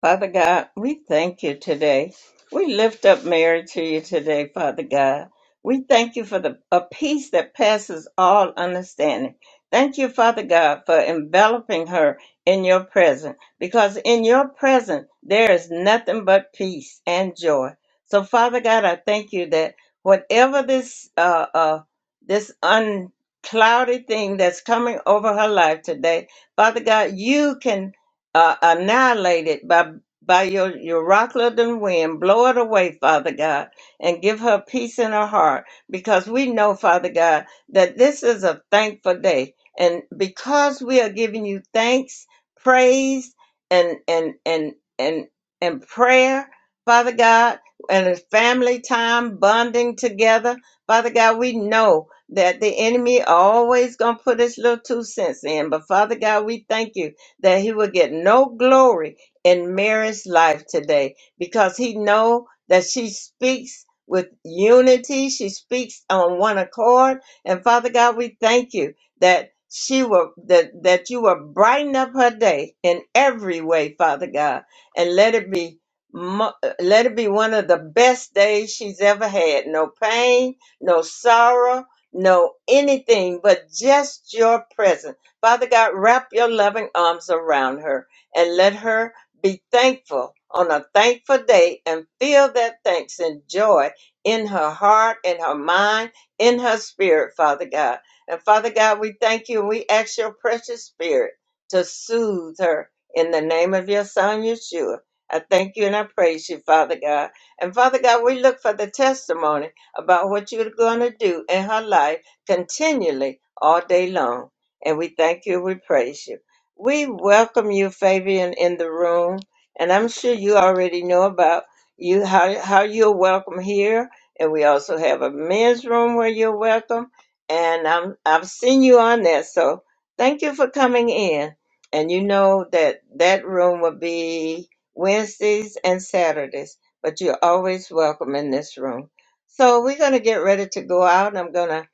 Speaker 1: Father God, we thank you today. We lift up Mary to you today, Father God. We thank you for the a peace that passes all understanding. Thank you, Father God, for enveloping her in your presence, because in your presence there is nothing but peace and joy. So, Father God, I thank you that whatever this uh, uh, this unclouded thing that's coming over her life today, Father God, you can uh, annihilated by by your, your rock-loving wind. Blow it away, Father God, and give her peace in her heart because we know, Father God, that this is a thankful day. And because we are giving you thanks, praise, and and and and and prayer, Father God, and it's family time bonding together, Father God, we know that the enemy always gonna put his little two cents in. But Father God, we thank you that he will get no glory in Mary's life today because he know that she speaks with unity. She speaks on one accord. And Father God, we thank you that she will that, that you will brighten up her day in every way, Father God, and let it be mo- let it be one of the best days she's ever had. No pain, no sorrow, no anything, but just your presence Father God, wrap your loving arms around her and let her be thankful on a thankful day and feel that thanks and joy in her heart, in her mind, in her spirit, Father God. And Father God, we thank you and we ask your precious spirit to soothe her in the name of your son, Yeshua. I thank you and I praise you, Father God. And Father God, we look for the testimony about what you're going to do in her life continually all day long and we thank you. We praise you. We welcome you, Fabian, in the room, and I'm sure you already know about you how how you're welcome here. And we also have a men's room where you're welcome. And I'm I've seen you on there, so thank you for coming in. And you know that that room will be Wednesdays and Saturdays, but you're always welcome in this room. So we're gonna get ready to go out, and I'm gonna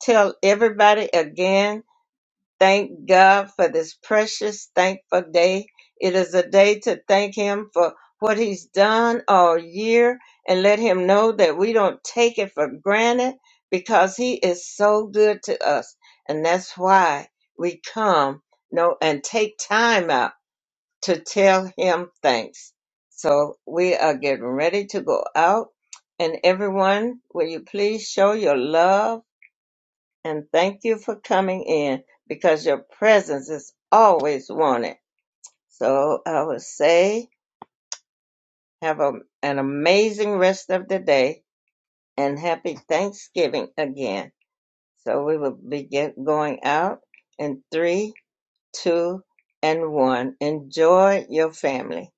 Speaker 1: tell everybody again Thank God for this precious, thankful day. It is a day to thank Him for what He's done all year and let Him know that we don't take it for granted because He is so good to us. And that's why we come no, and take time out to tell Him thanks. So we are getting ready to go out. And everyone, will you please show your love? and thank you for coming in because your presence is always wanted. So I would say have a, an amazing rest of the day and happy Thanksgiving again. So we will begin going out in three, two, and one. Enjoy your family.